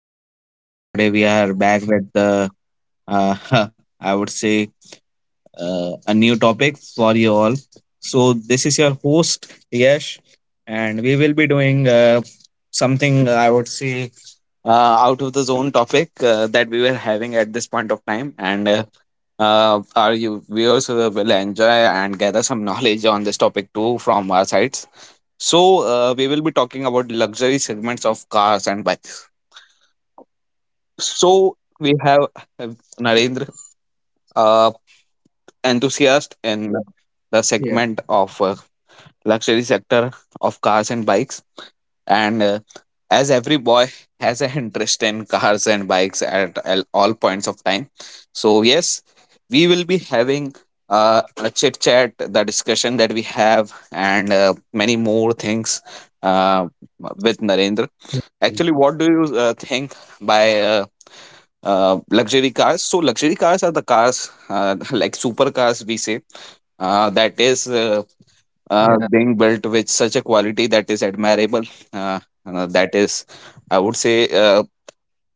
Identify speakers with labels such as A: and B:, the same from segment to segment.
A: Today we are back with uh, I would say a new topic for you all. So this is your host Yash, and will be doing something I would say out of the zone topic that we were having at this point of time, and our you viewers will enjoy and gather some knowledge on this topic too from our sides. So we will be talking about luxury segments of cars and bikes. So we have Narendra, uh, enthusiast in the segment of luxury sector of cars and bikes, and
B: Yeah.
A: as every boy has an interest in cars and bikes at all points of time. So yes, we will be having a chit chat, the discussion that we have, and many more things uh, with Narendra. Actually, what do you
B: Mm.
A: think by luxury cars. So luxury cars are the cars like supercars we say that is being built with
B: Yeah.
A: such a quality that is admirable. Uh, that is, I would say,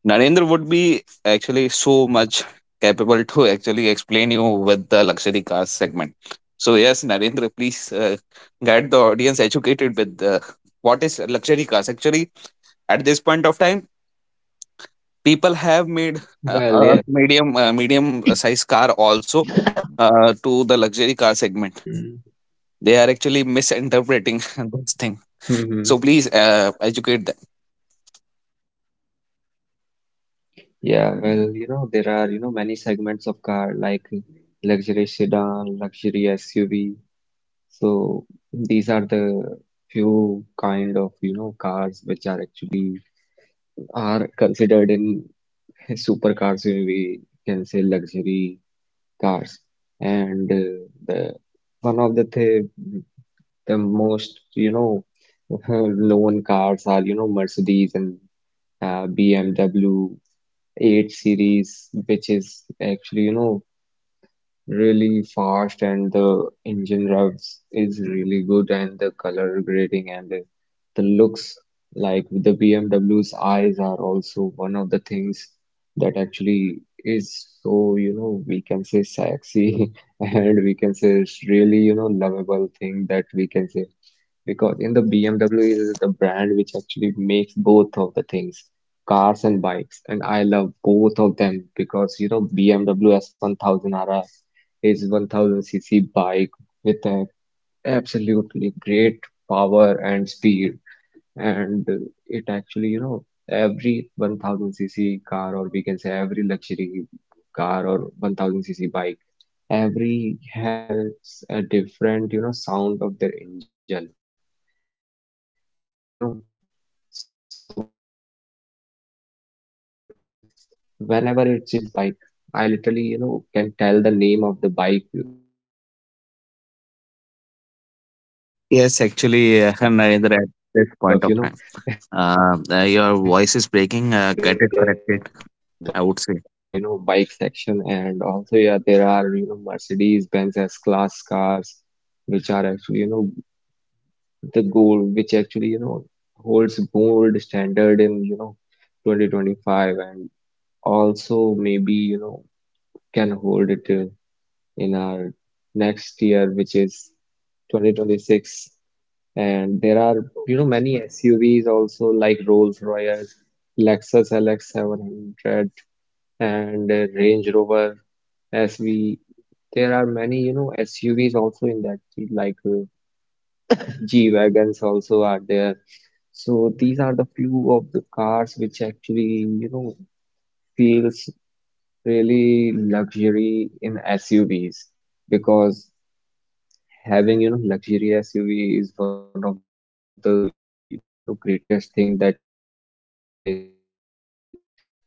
A: Narendra would be actually so much capable to actually explain you with the luxury car segment. So yes, Narendra, please get the audience educated with the, what is luxury cars. Actually, at this point of time, people have made a medium uh,
B: Well, yeah.
A: medium size car also to the luxury car segment,
B: Mm.
A: they are actually misinterpreting this thing,
B: Hmm.
A: so please educate them.
B: Yeah. Well, there are, many segments of car like luxury sedan, luxury SUV. So these are the few kind of, cars which are actually are considered in supercars, when we can say luxury cars. And the one of the thing, the most loan cars are Mercedes and BMW 8 series, which is actually really fast, and the engine revs is really good, and the color grading and the looks, like the BMW's eyes are also one of the things that actually is so, we can say, sexy and we can say it's really, lovable thing that we can say because in the BMW is the brand which actually makes both of the things, cars and bikes, and I love both of them because BMW S1000 RR is 1000 cc bike with an absolutely great power and speed, and it actually, every 1000 cc car or we can say every luxury car or 1000 cc bike every has a different, sound of their engine, you know so not I don't know about cars, but yes, whenever it's his bike, I literally, can tell the name of the bike even by listening the sound of their, exhaust.
A: Yes, actually,
B: So this
A: Narendra,
B: is
A: at this
B: kind
A: point
B: of,
A: of time, your voice
B: crazy
A: is
B: I
A: breaking.
B: am,
A: Get it corrected,
B: because
A: I would
B: in
A: say.
B: the, bike section, and also yeah, there are, Mercedes-Benz S-Class cars which are actually, the gold, which actually holds gold standard in 2025, and also maybe can hold it in our next year, which is 2026. And there are many SUVs also like Rolls Royce, Lexus LX700, and Range Rover SV. There are many SUVs also in that field, like G-Wagons also are there. So these are the few of the cars which actually, feels really luxury in SUVs, because having, luxury SUV is one of the, greatest thing that you can drive on the city road, or we can say highway.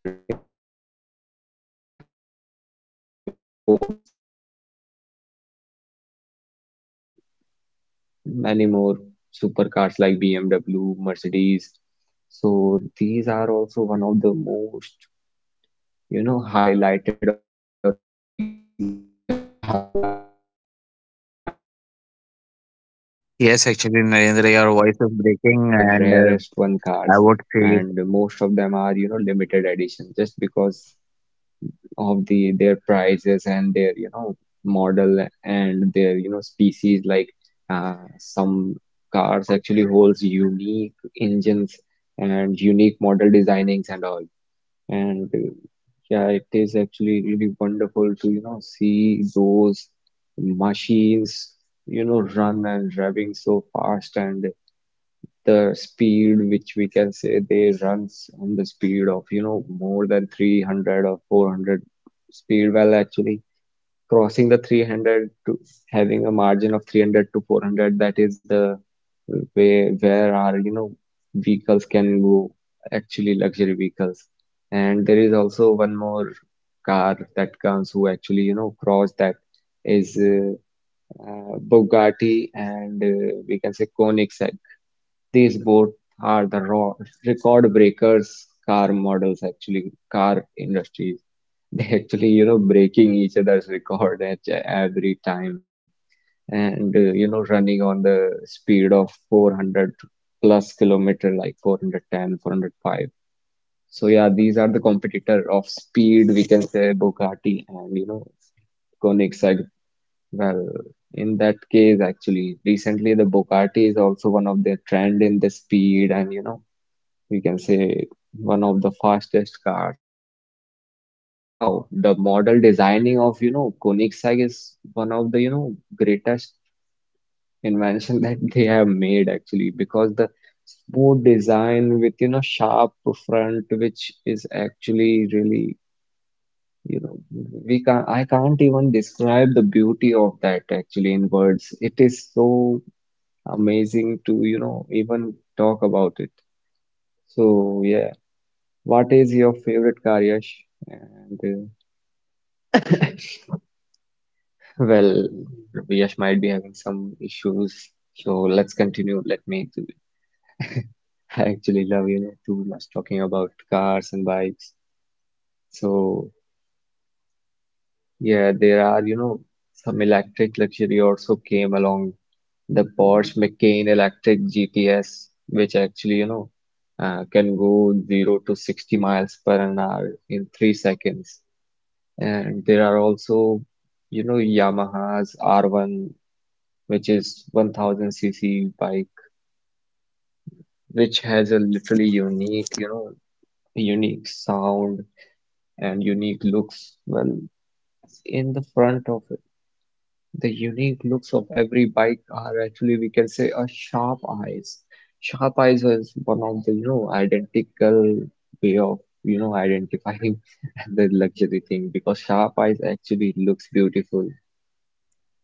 B: And having a sports car, we can say supercars like, Lambo, Ferrari, and many more supercars like BMW, Mercedes. So these are also one of the most, highlighted, or we can say noticeable, car on the highway if you have one. Because nobody can
A: Yes,
B: afford
A: actually,
B: it less
A: Narendra, your
B: easily.
A: voice
B: It
A: is
B: is the
A: breaking, and
B: rarest one cars,
A: I would say.
B: and most of them are, limited edition, just because of their prices and their model, and their species, like some cars actually holds unique engines and unique model designings and all. And yeah, it is actually really wonderful to see those machines run and revving so fast, and the speed, which we can say they runs on the speed of more than 300 or 400 speed, well actually crossing the 300 to having a margin of 300 to 400, that is the way where our vehicles can go, actually luxury vehicles. And there is also one more car that comes who actually cross that is Bugatti, and we can say Koenigsegg. These both are the raw record breakers car models, actually car industries they actually breaking each other's record at every time, and running on the speed of 400 plus kilometer, like 410, 405. So yeah, these are the competitor of speed, we can say, Bugatti and Koenigsegg. Well, in that case actually recently the Bugatti is also one of their trend in the speed, and we can say one of the fastest cars, but somehow the model designing of Koenigsegg is one of the greatest invention that they have made actually, because the smooth design with sharp front, which is actually really, you know we can't, I can't even describe the beauty of that actually in words. It is so amazing to even talk about it. So yeah. What is your favorite car, Yash? And uh, well, Yash might be having some issues, so let's continue. Let me do it. I actually love, too much talking about cars and bikes. So yeah, there are, some electric luxury also came along, the Porsche Macan Electric GTS, which actually, can go 0 to 60 miles per an hour in 3 seconds. And there are also, Yamaha's R1, which is 1000 cc bike, which has a literally unique, sound and unique looks. Well, in the front of it. The unique looks of every bike are actually, we can say, a sharp eyes. Sharp eyes is one of the, identical way of, identifying the luxury thing, because sharp eyes actually looks beautiful.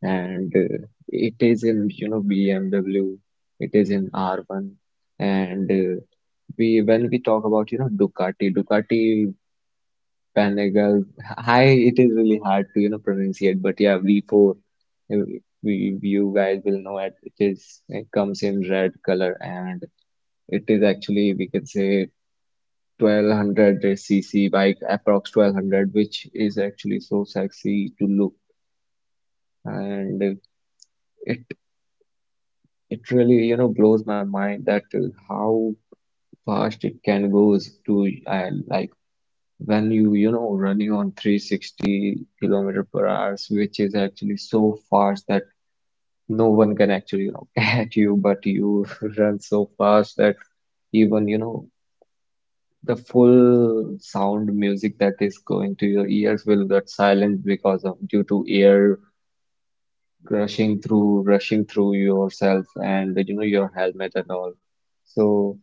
B: And it is in BMW, it is in R1, and we, when we talk about Ducati Panigale, hi, it is really hard to pronunciate, but yeah, V4. We, you guys, will know it. It is, it comes in red color, and it is actually we can say 1200 cc bike, approx 1200, which is actually so sexy to look, and it. It really, blows my mind that how fast it can goes to, like when you, running on 360 kilometer per hour, which is actually so fast that no one can actually, catch you, but you run so fast that even, the full sound music that is going to your ears will get silent because of due to air rushing through yourself and, your helmet and all. So.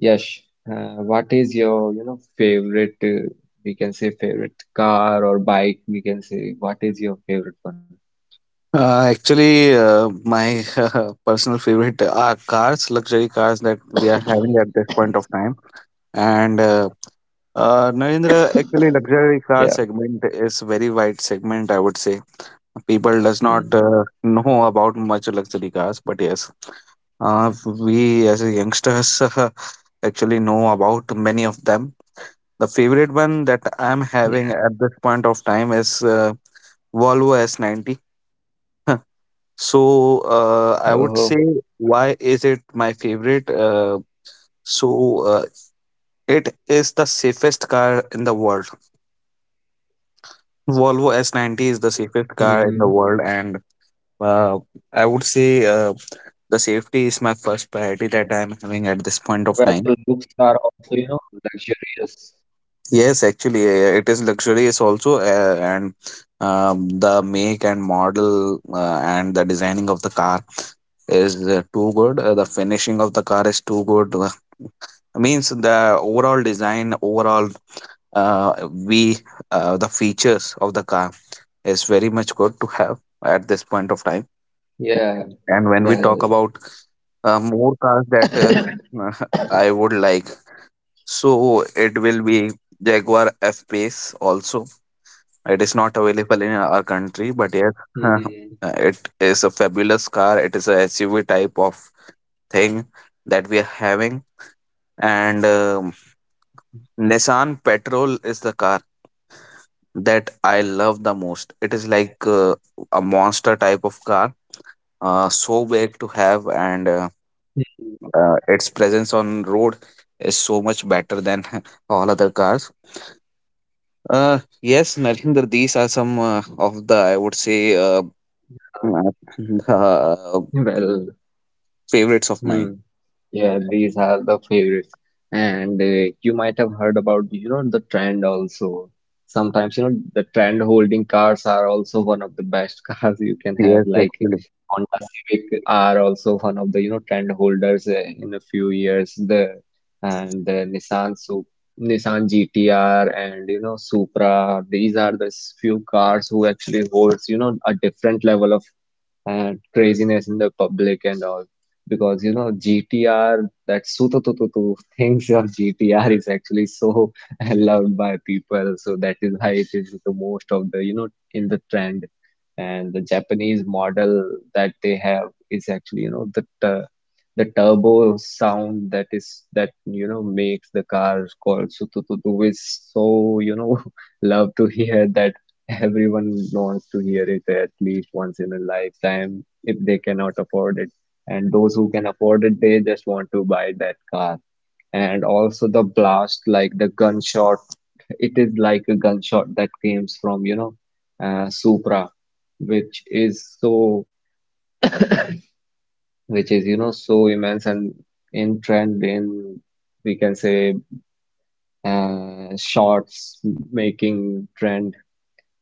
B: Yes. What is your, favorite, we can say favorite car or bike, we can say, what is your favorite one?
A: Actually, my personal favorite are cars, luxury cars that we are having at this point of time. And Narendra, actually, luxury car
B: Yeah.
A: segment is very wide segment. I would say people does not
B: Hmm.
A: know about much luxury cars, but yes, uh, we as a youngsters actually know about many of them. The favorite one that I'm
B: Yeah.
A: having at this point of time is Volvo S90. So I would say,
B: Oh.
A: why is it my favorite? So it is the safest car in the world. Volvo S90 is the safest car in
B: Mm-hmm.
A: the world, and uh, I would say the safety is my first priority that I'm having at this point of
B: Well, the
A: time.
B: looks are also, luxurious.
A: Yes, actually, it is luxurious also, and the make and model and the designing of the car is too good. The finishing of the car is too good. Means the overall design, overall we the features of the car is very much good to have at this point of time.
B: Yeah. Well.
A: And when we talk about more cars that I would like, so it will be Jaguar f pace also. It is not available in our country, but yes,
B: Mm-hmm.
A: uh, it is a fabulous car. It is a SUV type of thing that we are having. And Nissan Patrol is the car that I love the most. It is like a monster type of car, so big to have, and
B: Hmm.
A: its presence on road is so much better than all other cars. Yes, Narendra, these are some of the, I would say,
B: Huh.
A: uh, the
B: Well.
A: favorites of mine.
B: Hmm. Yeah, these are the favorites. And you might have heard about, the trend also. Sometimes, the trend holding cars are also one of the best cars you can have.
A: Yes,
B: Like
A: actually.
B: Honda, yeah, Civic are also one of the, trend holders in a few years. The and the Nissan GTR, and Supra. These are the few cars who actually holds, a different level of and craziness in the public and all. Because GTR, that sutu tu tu tu things of GTR is actually so loved by people. So that is why it is the most of the, in the trend. And the Japanese model that they have is actually, the the turbo sound, that is, that makes the car called sutu tu tu, is so love to hear that. Everyone wants to hear it at least once in a lifetime if they cannot afford it. And those who can afford it, they just want to buy that car. And also the blast, like the gunshot, it is like a gunshot that comes from, Supra, which is so, which is, so immense and in trend in, we can say, shorts making trend,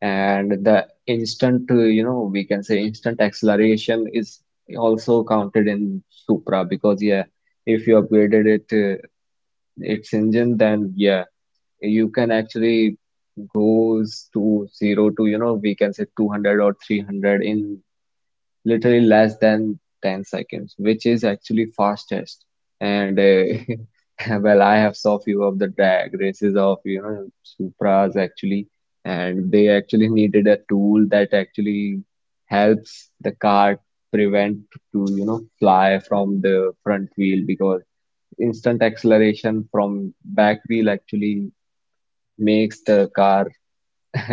B: and the instant we can say instant acceleration is also counted in Supra, because yeah, if you upgraded it, its engine, then yeah, you can actually goes to zero to we can say 200 or 300 in literally less than 10 seconds, which is actually fastest. And well, I have saw few of the drag races of Supras actually, and they actually needed a tool that actually helps the car prevent to fly from the front wheel, because instant acceleration from back wheel actually makes the car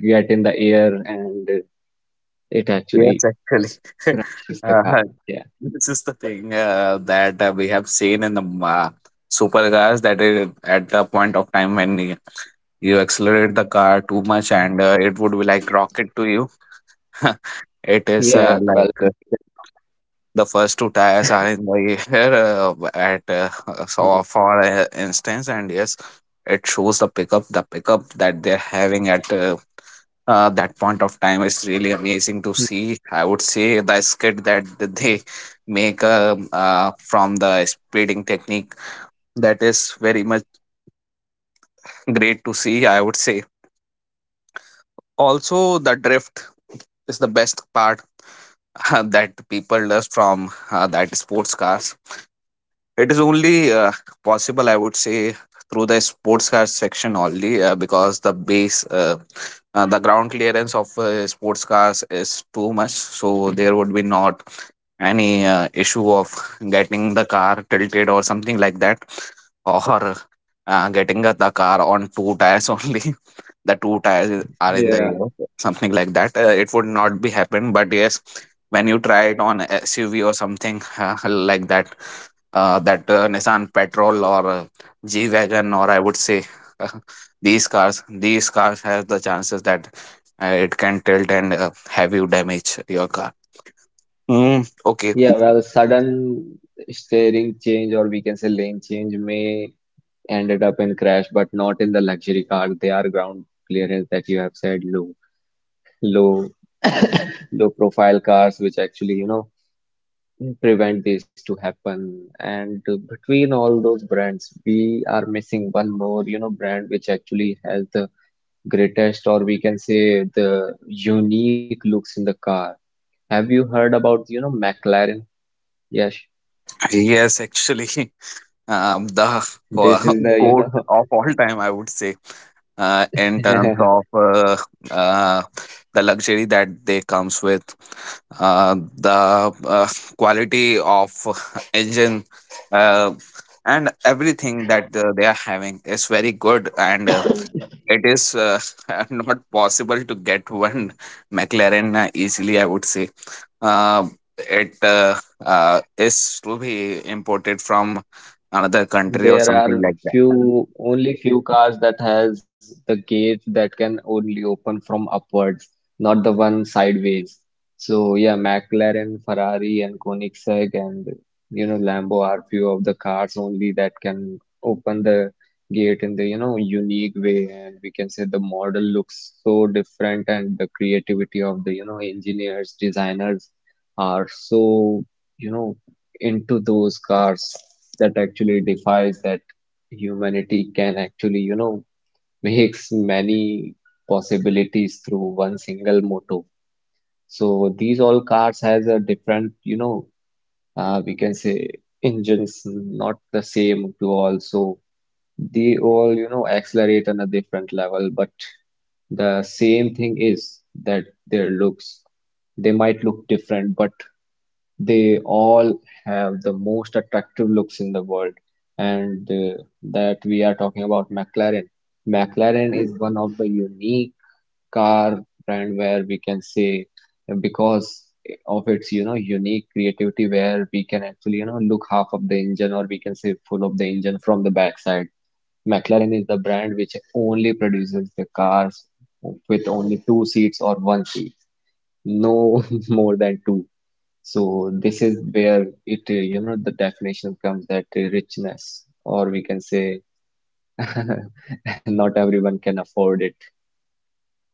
B: get in the air, and it
A: Yes,
B: actually
A: actually.
B: crashes the
A: uh,
B: car. Yeah.
A: this is the thing that we have seen in the supercars that it, at the point of time when you accelerate the car too much and it would be like rocket to you. It is uh,
B: Yeah, well,
A: like uh,
B: it became profit.
A: the first two tires are in the air at so
B: Hmm.
A: for instance, and yes, it shows the pickup that they're having at that point of time is really amazing to see.
B: Mm.
A: I would say the skit that they make from the speeding technique, that is very much great to see, I would say. Also the drift is the best part that people does from that sports car. It is only possible, I would say, through the sports car section only because the base, the ground clearance of sports cars is too much. So there would be not any issue of getting the car tilted or something like that, or getting the car on two tires only. The two tires are in the
B: Yeah,
A: air, something like that. It would not be happen, but yes, when you try it on SUV or something like that, that Nissan Patrol or G wagon, or I would say these cars. These cars have the chances that it can tilt and have you damage your car. Mm, okay.
B: yeah. Well, sudden steering change, or we can say lane change, may ended up in crash, but not in the luxury car. They are ground clearance that you have said, low, low, low profile cars, which actually, prevent this to happen. And between all those brands, we are missing one more, brand which actually has the greatest, or we can say the unique looks in the car. Have you heard about, McLaren? Yes,
A: Yes, actually, the
B: this is the,
A: goat
B: you
A: of all time, I would say, in terms
B: know,
A: of uh, the luxury that they comes with, the quality of engine, uh, and everything that they are having is very good, and it is not possible to get one McLaren easily, I would say. Uh, it is to be imported from another country or
B: there
A: something
B: are
A: like that.
B: few, only few cars that has the gate that can only open from upwards, not the one sideways. So yeah, McLaren, Ferrari, and Koenigsegg, and Lambo are few of the cars only that can open the gate in the unique way, and we can say the model looks so different, and the creativity of the engineers, designers are so you know into those cars that actually defies that humanity can actually, makes many possibilities through one single motor. So these all cars has a different, we can say engines not the same to all. So they all, accelerate on a different level, but the same thing is that their looks, they might look different, but they all have the most attractive looks in the world, and that we are talking about McLaren. McLaren is one of the unique car brand where we can say because of its unique creativity where we can actually look half of the engine, or we can say full of the engine from the backside. McLaren is the brand which only produces the cars with only two seats or one seat, no more than two. So this is where the definition comes that richness, or we can say not everyone can afford it.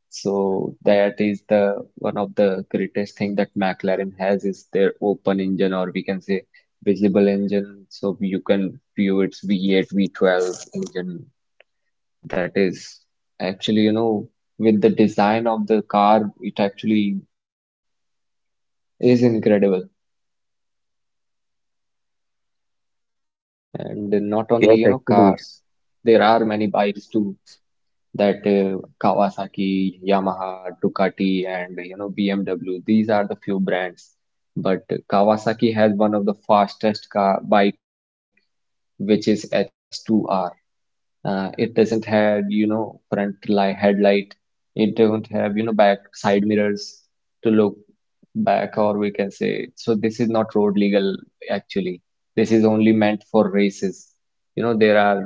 B: So that is the one of the greatest thing that McLaren has is their open engine, or we can say visible engine. So you can view its V8, V12 engine. That is actually, with the design of the car, it actually is incredible. And not only,
A: Yes,
B: cars,
A: actually.
B: there are many bikes too that Kawasaki, Yamaha, Ducati, and BMW. These are the few brands. But Kawasaki has one of the fastest car bike, which is H2R. It doesn't have, front light headlight. It don't have, back side mirrors to look back, or we can say. So this is not road legal actually. This is only meant for races. You know, there are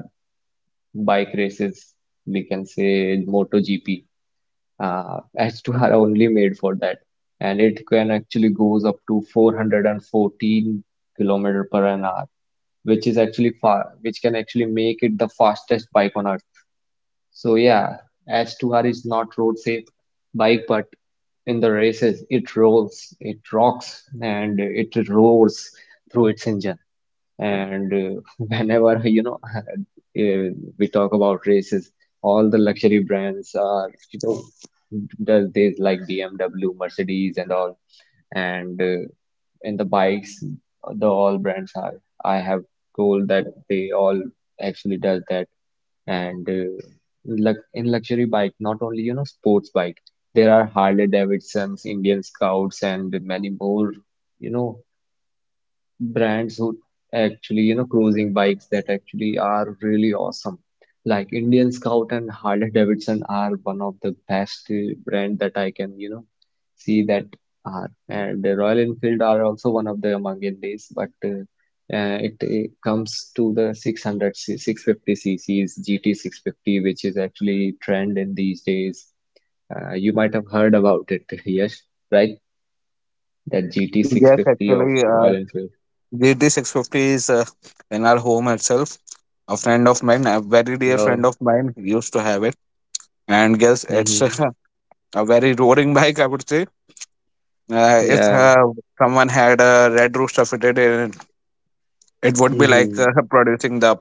B: bike races. We can say MotoGP. H2 are only made for that, and it can actually goes up to 414 kilometer per an hour, which is actually far, which can actually make it the fastest bike on earth. So yeah, as 2 r is not road safe bike, but in the races it rolls, it rocks, and it roars through its engine. And whenever we talk about races, all the luxury brands are does this, like BMW, Mercedes, and all. And in the bikes, the all brands are. I have told that they all actually does that. And lux in luxury bike, not only sports bike, there are Harley Davidsons, Indian Scouts, and many more you know brands who actually, cruising bikes that actually are really awesome. Like Indian Scout and Harley Davidson are one of the best brand that I can, see that are. And the Royal Enfield are also one of the among in these, but it comes to the 600, 650 cc's, GT 650, which is actually trend in these days. You might have heard about it, yes, right? That GT
A: Yes,
B: 650 of
A: actually,
B: Royal Enfield.
A: GT 650 is in our home itself. A friend of mine, a very dear friend
B: No.
A: of mine, used to have it. And yes, it's
B: Mm-hmm.
A: a very roaring bike, I would say. If
B: Yeah.
A: someone had a Red Rooster fitted in, it would be like
B: Mm-hmm.
A: producing the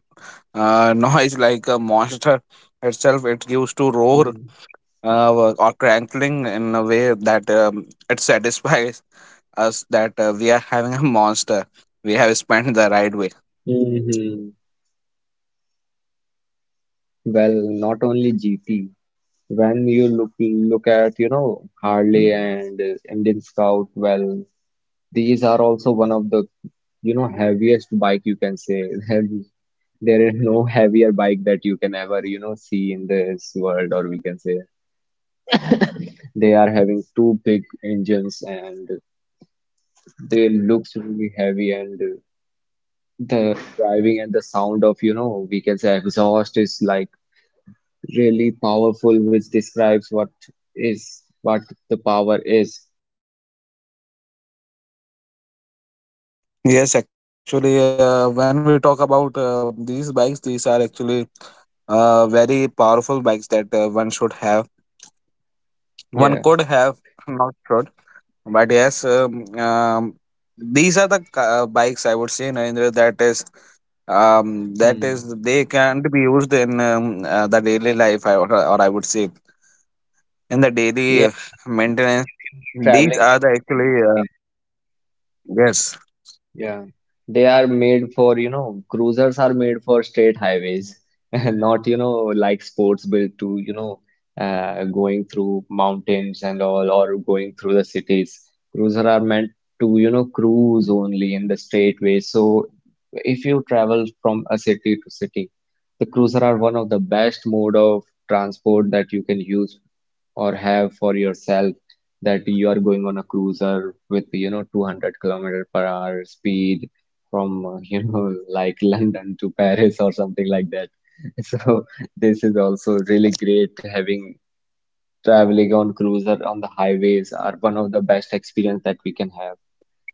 A: noise like a monster itself. It used to roar or crackling in a way that it satisfies us that we are having a monster. We have spent the right way.
B: Mm-hmm. Well, not only GT. When you look at, Harley and Indian Scout, well, these are also one of the, heaviest bike you can say. Heavy. There is no heavier bike that you can ever, see in this world, or we can say they are having two big engines, and they looks really heavy and the driving and the sound of, we can say exhaust is like really powerful, which describes what is what the power is.
A: Yes, actually, when we talk about these bikes, these are actually very powerful bikes that one should have. One
B: Yeah.
A: could have, not should, but yes, these are the bikes, I would say, Narendra, that is
B: Hmm.
A: they can't be used in the daily life I, or I would say in the daily
B: Yeah, well,
A: maintenance.
B: if you are
A: These
B: traveling
A: are
B: through
A: the
B: city
A: actually
B: to city,
A: yes.
B: yeah, they are made for, cruisers are made for straight highways, not, like sports built to, going through mountains and all, or going through the cities. Cruiser are meant to, cruise only in the straight way. So if you travel from a city to city, the cruiser are one of the best mode of transport that you can use or have for yourself, that you are going on a cruiser with 200 kilometer per hour speed from like London to Paris or something like that. So this is also really great, having traveling on cruiser on the highways are one of the best experience that we can have.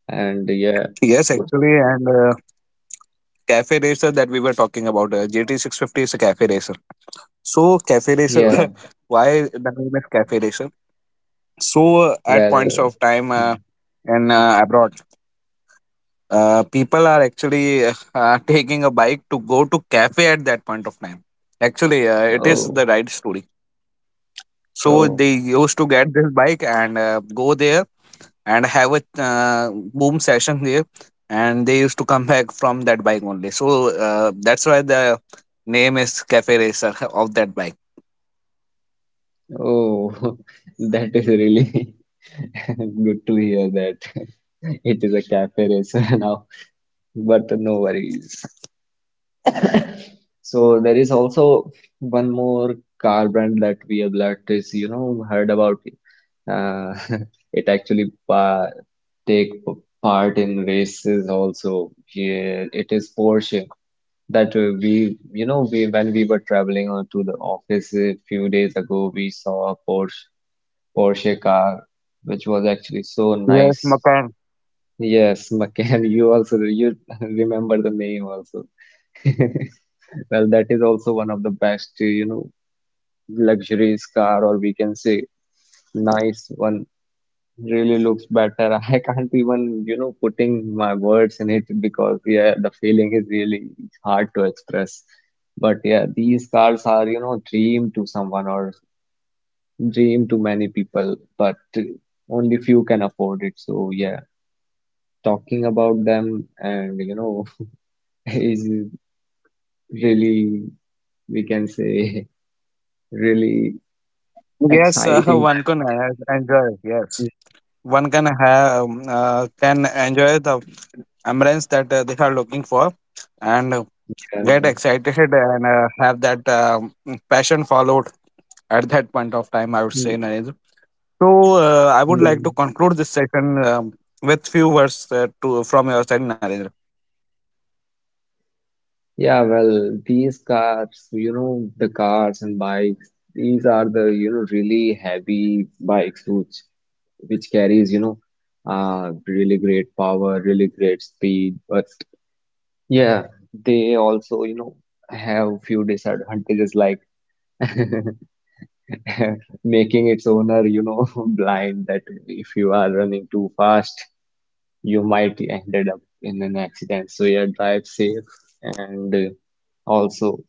B: And yeah,
A: Yes,
B: sports.
A: actually, and cafe racer that we were talking about, GT650, is a cafe racer. So cafe racer,
B: Yeah,
A: why the name is cafe racer? So at
B: well,
A: points of time, in abroad, people are actually taking a bike to go to cafe at that point of time. Actually, it is
B: oh,
A: the right story. So
B: oh,
A: they used to get this bike and go there and have a boom session there, and they used to come back from that bike only. So that's why the name is Cafe Racer of that bike.
B: oh, that is really good to hear that it is a cafe racer now, but no worries. So there is also one more car brand that we have, that is, heard about it. Uh, it actually pa take p- part in races also. Yeah, it is Porsche. That we you know we when we were traveling to the office a few days ago, we saw a Porsche car which was actually so
A: Yes,
B: nice.
A: Makan.
B: Yes, McCann. You also you remember the name also. Well, that is also one of the best luxurious car, or we can say nice one, really looks better. I can't even, putting my words in it, because yeah, the feeling is really hard to express. But yeah, these cars are, dream to someone, or dream to many people, but only few can afford it. So yeah, talking about them and, is really, we can say, really
A: Yes,
B: exciting
A: one
B: type
A: can
B: of thing.
A: enjoy. Yes,
B: Mm.
A: one can have can enjoy the ambience that they are looking for, and
B: Yeah.
A: get excited and have that passion followed at that point of time. I would say,
B: Mm.
A: Narendra. So I would like
B: Mm.
A: to conclude this session, with few words to from your side, Narendra.
B: Yeah, well, these cars, the cars and bikes, these are the, really heavy bikes which carries, really great power, really great speed. But yeah, they also, have few disadvantages, like making its owner, blind, that if you are running too fast, you might ended up in an accident. So yeah, drive safe and also.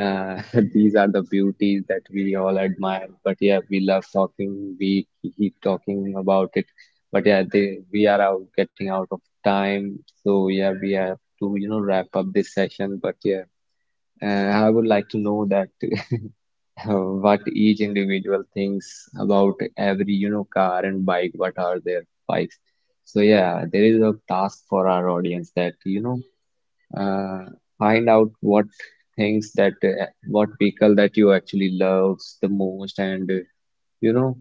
B: Uh, these are the beauties that we all admire. But yeah, we love talking. We keep talking about it. But yeah, they, we are out getting out of time. So yeah, we have to, wrap up this session. But yeah, I would like to know that what each individual thinks about every, car and bike. What are their bikes? So yeah, there is a task for our audience that, uh, find out what things that what vehicle that you actually loves the most, and you know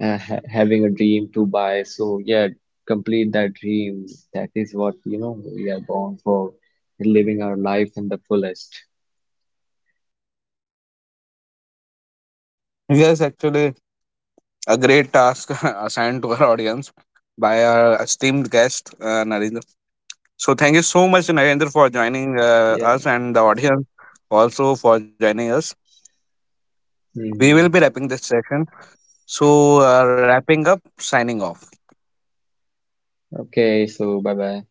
B: ha having a dream to buy. So yeah, complete that dream. That is what we are born for, living our life in the fullest.
A: Yes, actually, a great task assigned to our audience by our esteemed guest, Narendra. So thank you so much, Narendra, for joining
B: Yeah.
A: us, and the audience also for joining us. We will be
B: Hmm.
A: wrapping this session. So wrapping up, signing off.
B: Okay, so bye bye.